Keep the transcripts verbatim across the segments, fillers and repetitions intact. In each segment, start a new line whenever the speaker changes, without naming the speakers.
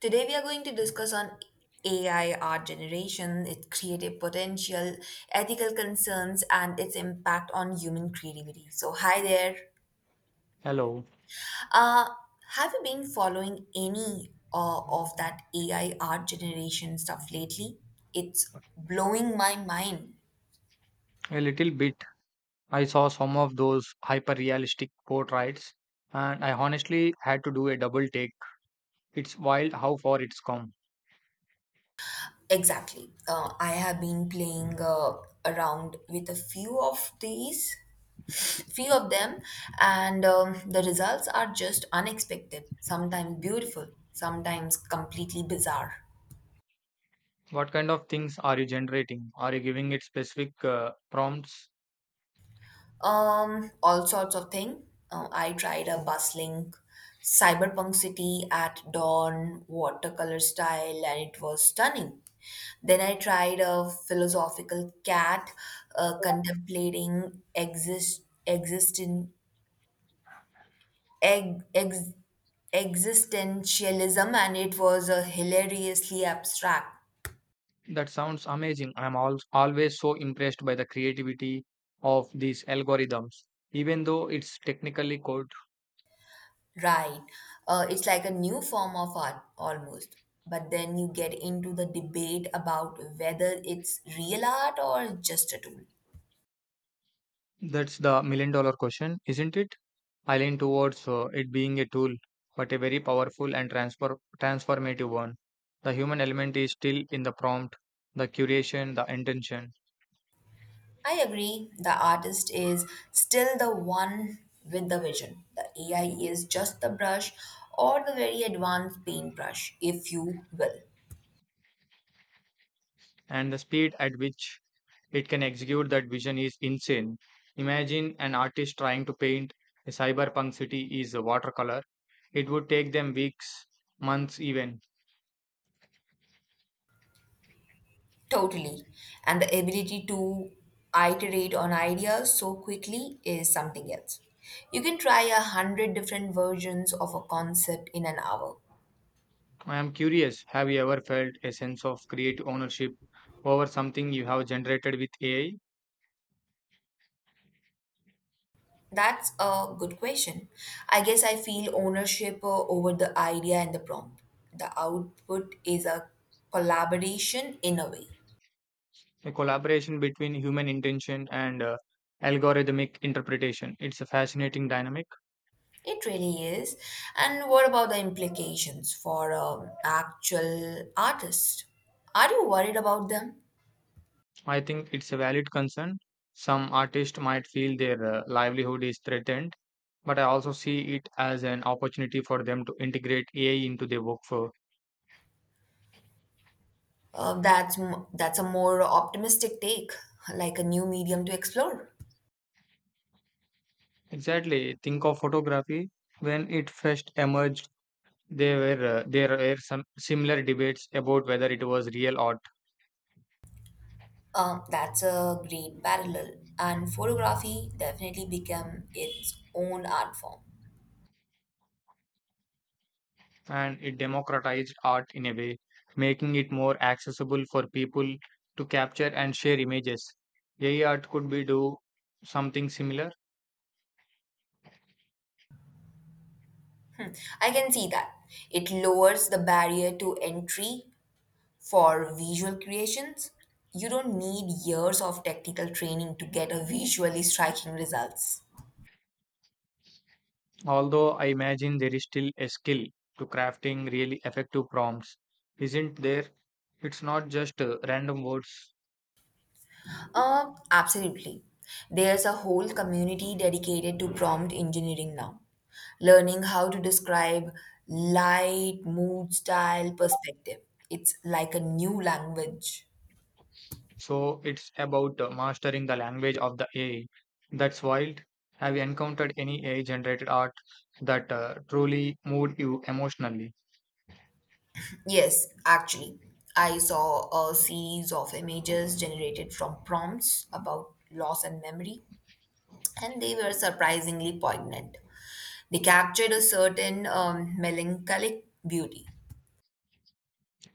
Today, we are going to discuss on A I art generation, its creative potential, ethical concerns, and its impact on human creativity. So, hi there.
Hello.
Uh, have you been following any uh, of that A I art generation stuff lately? It's blowing my mind.
A little bit. I saw some of those hyper realistic portraits, and I honestly had to do a double take. It's wild how far it's come.
Exactly. Uh, I have been playing uh, around with a few of these, few of them, and um, the results are just unexpected, sometimes beautiful, sometimes completely bizarre.
What kind of things are you generating? Are you giving it specific uh, prompts?
Um, all sorts of thing. Uh, I tried a bustling cyberpunk city at dawn, watercolor style, and it was stunning. Then I tried a philosophical cat uh, contemplating exist existing egg ex, existentialism, and it was uh, hilariously abstract.
That sounds amazing. I'm al- always so impressed by the creativity of these algorithms, even though it's technically code.
Right. Uh, it's like a new form of art almost. But then you get into the debate about whether it's real art or just a tool.
That's the million dollar question, isn't it? I lean towards uh, it being a tool, but a very powerful and transfer transformative one. The human element is still in the prompt, the curation, the intention,
I agree, the artist is still the one with the vision. The A I is just the brush or the very advanced paintbrush, if you will.
and the speed at which it can execute that vision is insane. Imagine an artist trying to paint a cyberpunk city is a watercolor. It would take them weeks, months even.
Totally. And the ability to iterate on ideas so quickly is something else. You can try a hundred different versions of a concept in an hour.
I am curious, have you ever felt a sense of creative ownership over something you have generated with A I?
That's a good question. I guess I feel ownership uh, over the idea and the prompt. The output is a collaboration in a way.
A collaboration between human intention and uh, algorithmic interpretation. It's a fascinating dynamic.
It really is. And what about the implications for um, actual artists? Are you worried about them?
I think it's a valid concern. Some artists might feel their uh, livelihood is threatened, but I also see it as an opportunity for them to integrate A I into their workflow.
Uh, that's m- that's a more optimistic take, like a new medium to explore.
Exactly. Think of photography. When it first emerged, there were uh, there were some similar debates about whether it was real or.
Um, that's a great parallel, and photography definitely became its own art form.
And it democratized art in a way, making it more accessible for people to capture and share images. A I art could be do something similar,
Hmm, I can see that. It lowers the barrier to entry for visual creations. You don't need years of technical training to get a visually striking results.
although I imagine there is still a skill to crafting really effective prompts, isn't there? It's not just uh, random words,
Uh, absolutely. There's a whole community dedicated to prompt engineering now, learning how to describe light, mood, style, perspective. It's like a new language.
so it's about uh, mastering the language of the A I. That's wild. Have you encountered any A I generated art that uh, truly moved you emotionally?
Yes, actually, I saw a series of images generated from prompts about loss and memory, and they were surprisingly poignant. They captured a certain um, melancholic beauty.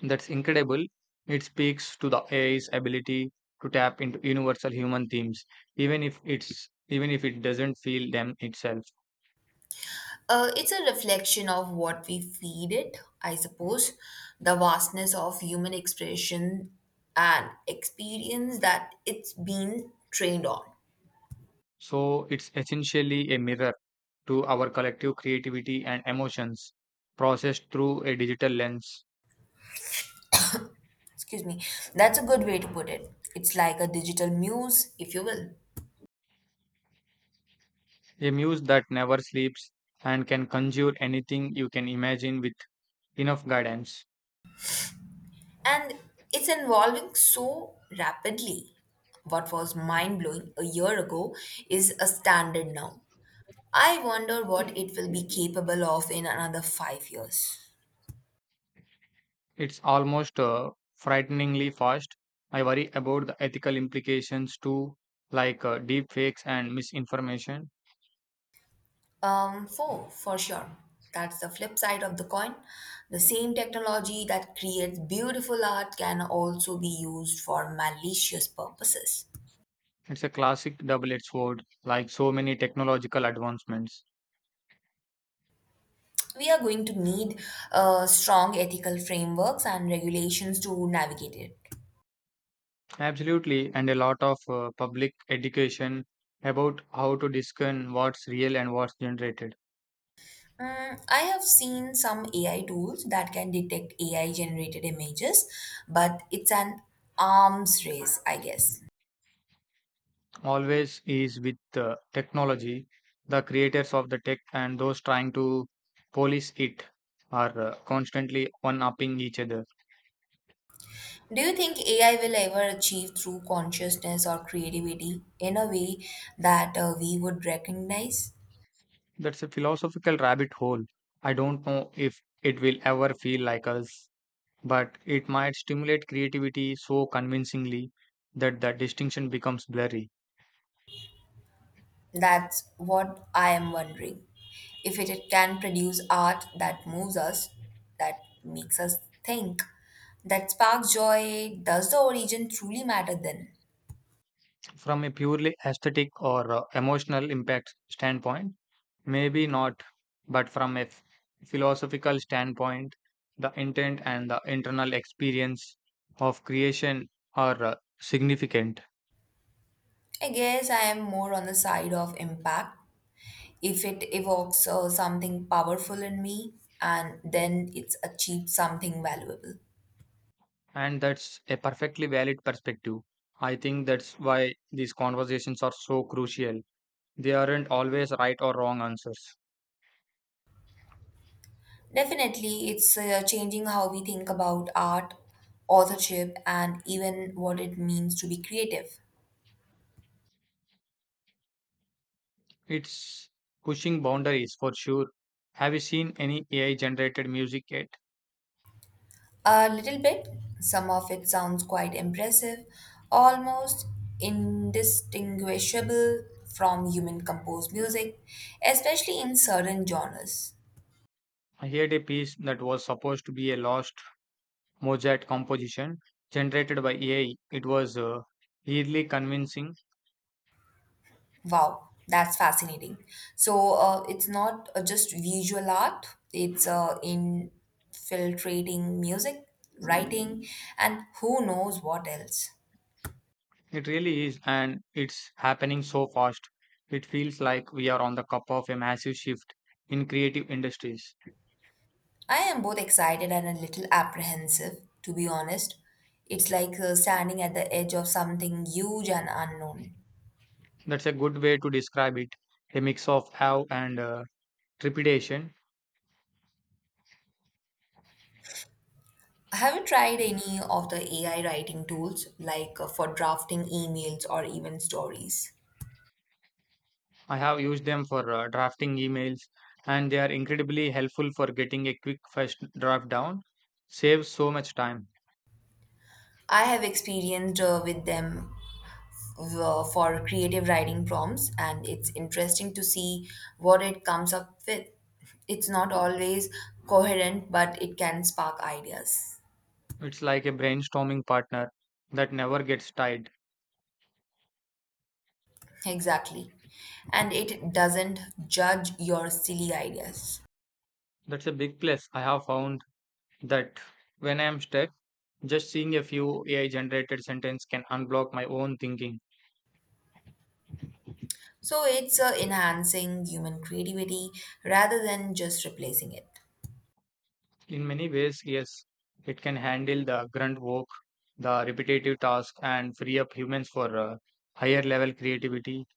That's incredible. It speaks to the A I's ability to tap into universal human themes, even if it's even if it doesn't feel them itself.
Uh, it's a reflection of what we feed it, I suppose, the vastness of human expression and experience that it's been trained on.
So it's essentially a mirror to our collective creativity and emotions, processed through a digital lens.
Excuse me, that's a good way to put it. It's like a digital muse, if you will.
A muse that never sleeps and can conjure anything you can imagine with enough guidance.
And it's evolving so rapidly. What was mind blowing a year ago is a standard now. I wonder what it will be capable of in another five years.
It's almost uh, frighteningly fast. I worry about the ethical implications too, like uh, deep fakes and misinformation.
Um, four, for sure. That's the flip side of the coin. The same technology that creates beautiful art can also be used for malicious purposes.
It's a classic double edged sword, like so many technological advancements.
We are going to need uh, strong ethical frameworks and regulations to navigate it.
Absolutely, and a lot of uh, public education about how to discern what's real and what's generated.
Mm, I have seen some A I tools that can detect A I generated images, but it's an arms race, I guess.
Always is with uh, technology, the creators of the tech and those trying to police it are uh, constantly one upping each other.
Do you think A I will ever achieve true consciousness or creativity in a way that uh, we would recognize?
That's a philosophical rabbit hole. I don't know if it will ever feel like us, but it might stimulate creativity so convincingly that the distinction becomes blurry.
That's what I am wondering. If it it can produce art that moves us, that makes us think, that sparks joy, does the origin truly matter then?
From a purely aesthetic or uh, emotional impact standpoint, maybe not, but from a f- philosophical standpoint, the intent and the internal experience of creation are uh, significant.
I guess I am more on the side of impact. If it evokes uh, something powerful in me and then it's achieved something valuable.
And that's a perfectly valid perspective. I think that's why these conversations are so crucial. They aren't always right or wrong answers.
Definitely, it's uh, changing how we think about art, authorship, and even what it means to be creative.
It's pushing boundaries for sure. Have you seen any A I generated music yet?
A little bit, some of it sounds quite impressive, almost indistinguishable from human composed music, especially in certain genres.
I heard a piece that was supposed to be a lost Mozart composition generated by A I. It was uh, eerily convincing.
Wow, that's fascinating. So uh, it's not uh, just visual art, it's uh, infiltrating music, writing, and who knows what else.
It really is, and it's happening so fast. It feels like we are on the cup of a massive shift in creative industries.
I am both excited and a little apprehensive, to be honest. It's like uh, standing at the edge of something huge and unknown.
That's a good way to describe it. A mix of awe and uh, trepidation.
Have you tried any of the A I writing tools, like uh, for drafting emails or even stories?
I have used them for uh, drafting emails, and they are incredibly helpful for getting a quick first draft down. Saves so much time.
I have experienced uh, with them uh, for creative writing prompts, and it's interesting to see what it comes up with. It's not always coherent, but it can spark ideas.
It's like a brainstorming partner that never gets tired.
Exactly. And it doesn't judge your silly ideas.
That's a big plus. I have found that when I am stuck, just seeing a few A I generated sentences can unblock my own thinking.
So it's uh, enhancing human creativity rather than just replacing it.
In many ways, yes, it can handle the grunt work, the repetitive tasks, and free up humans for uh, higher level creativity,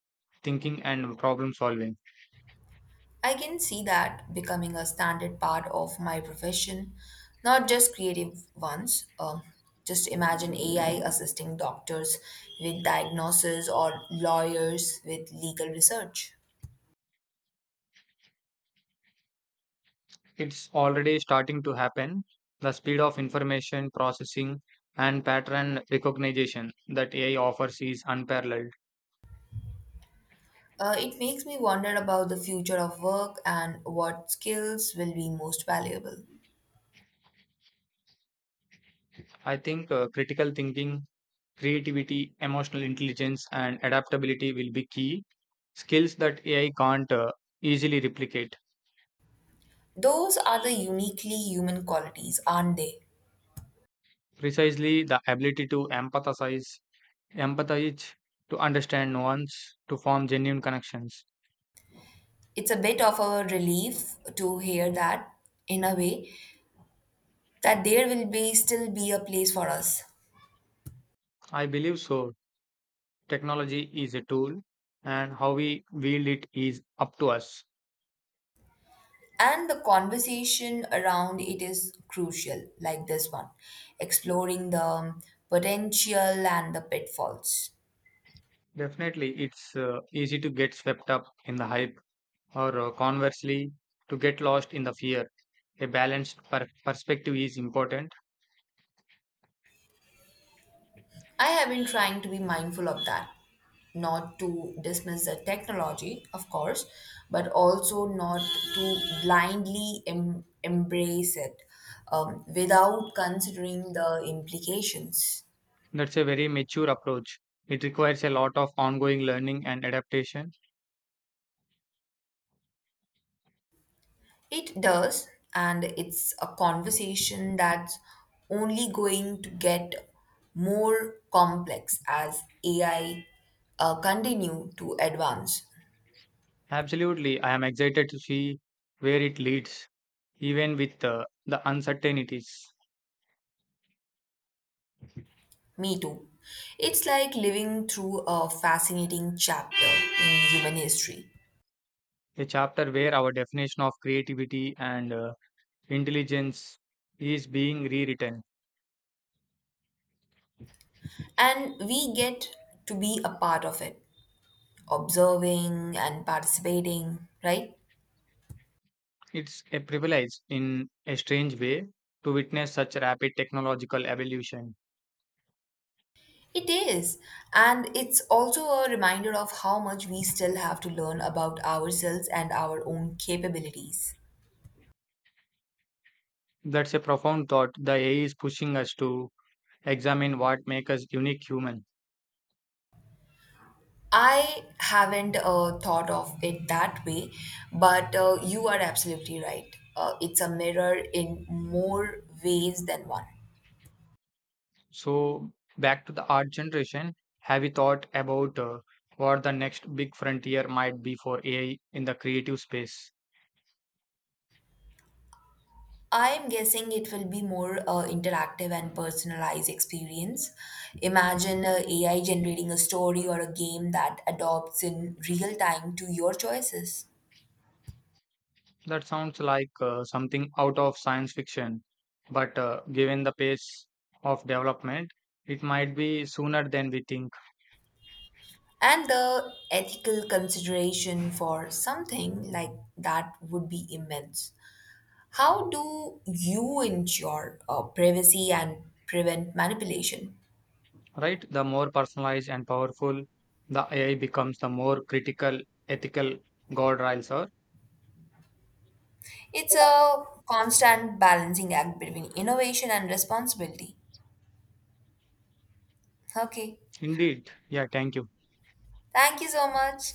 thinking, and problem solving.
I can see that becoming a standard part of my profession, not just creative ones. Um, just imagine A I assisting doctors with diagnosis or lawyers with legal research.
It's already starting to happen. The speed of information processing and pattern recognition that A I offers is unparalleled.
Uh, it makes me wonder about the future of work and what skills will be most valuable.
I think uh, critical thinking, creativity, emotional intelligence, and adaptability will be key skills that A I can't uh, easily replicate.
Those are the uniquely human qualities, aren't they?
Precisely the ability to empathize, empathize, to understand nuance, to form genuine connections.
It's a bit of a relief to hear that, in a way, that there will be still be a place for us.
I believe so. Technology is a tool, and how we wield it is up to us.
And the conversation around it is crucial, like this one, exploring the potential and the pitfalls.
Definitely, it's uh, easy to get swept up in the hype, or uh, conversely, to get lost in the fear. A balanced per- perspective is important.
I have been trying to be mindful of that, not to dismiss the technology, of course, but also not to blindly em- embrace it um, without considering the implications.
That's a very mature approach. It requires a lot of ongoing learning and adaptation.
It does, and it's a conversation that's only going to get more complex as A I uh, continue to advance.
Absolutely, I am excited to see where it leads, even with uh, the uncertainties.
Me too. It's like living through a fascinating chapter in human history,
A chapter where our definition of creativity and uh, intelligence is being rewritten.
and we get to be a part of it, observing and participating, right?
It's a privilege in a strange way to witness such rapid technological evolution.
It is. And it's also a reminder of how much we still have to learn about ourselves and our own capabilities.
That's a profound thought. The A I is pushing us to examine what makes us unique human.
I haven't uh, thought of it that way, but uh, you are absolutely right. Uh, it's a mirror in more ways than one.
So, back to the art generation, have you thought about uh, what the next big frontier might be for A I in the creative space?
I'm guessing it will be more uh, interactive and personalized experience. Imagine uh, A I generating a story or a game that adopts in real time to your choices.
That sounds like uh, something out of science fiction, but uh, given the pace of development, it might be sooner than we think,
And the ethical consideration for something like that would be immense. How do you ensure uh, privacy and prevent manipulation?
right? The more personalized and powerful the A I becomes, the more critical ethical guardrails are.
It's a constant balancing act between innovation and responsibility. Okay,
Indeed. Yeah, thank you.
thank you so much.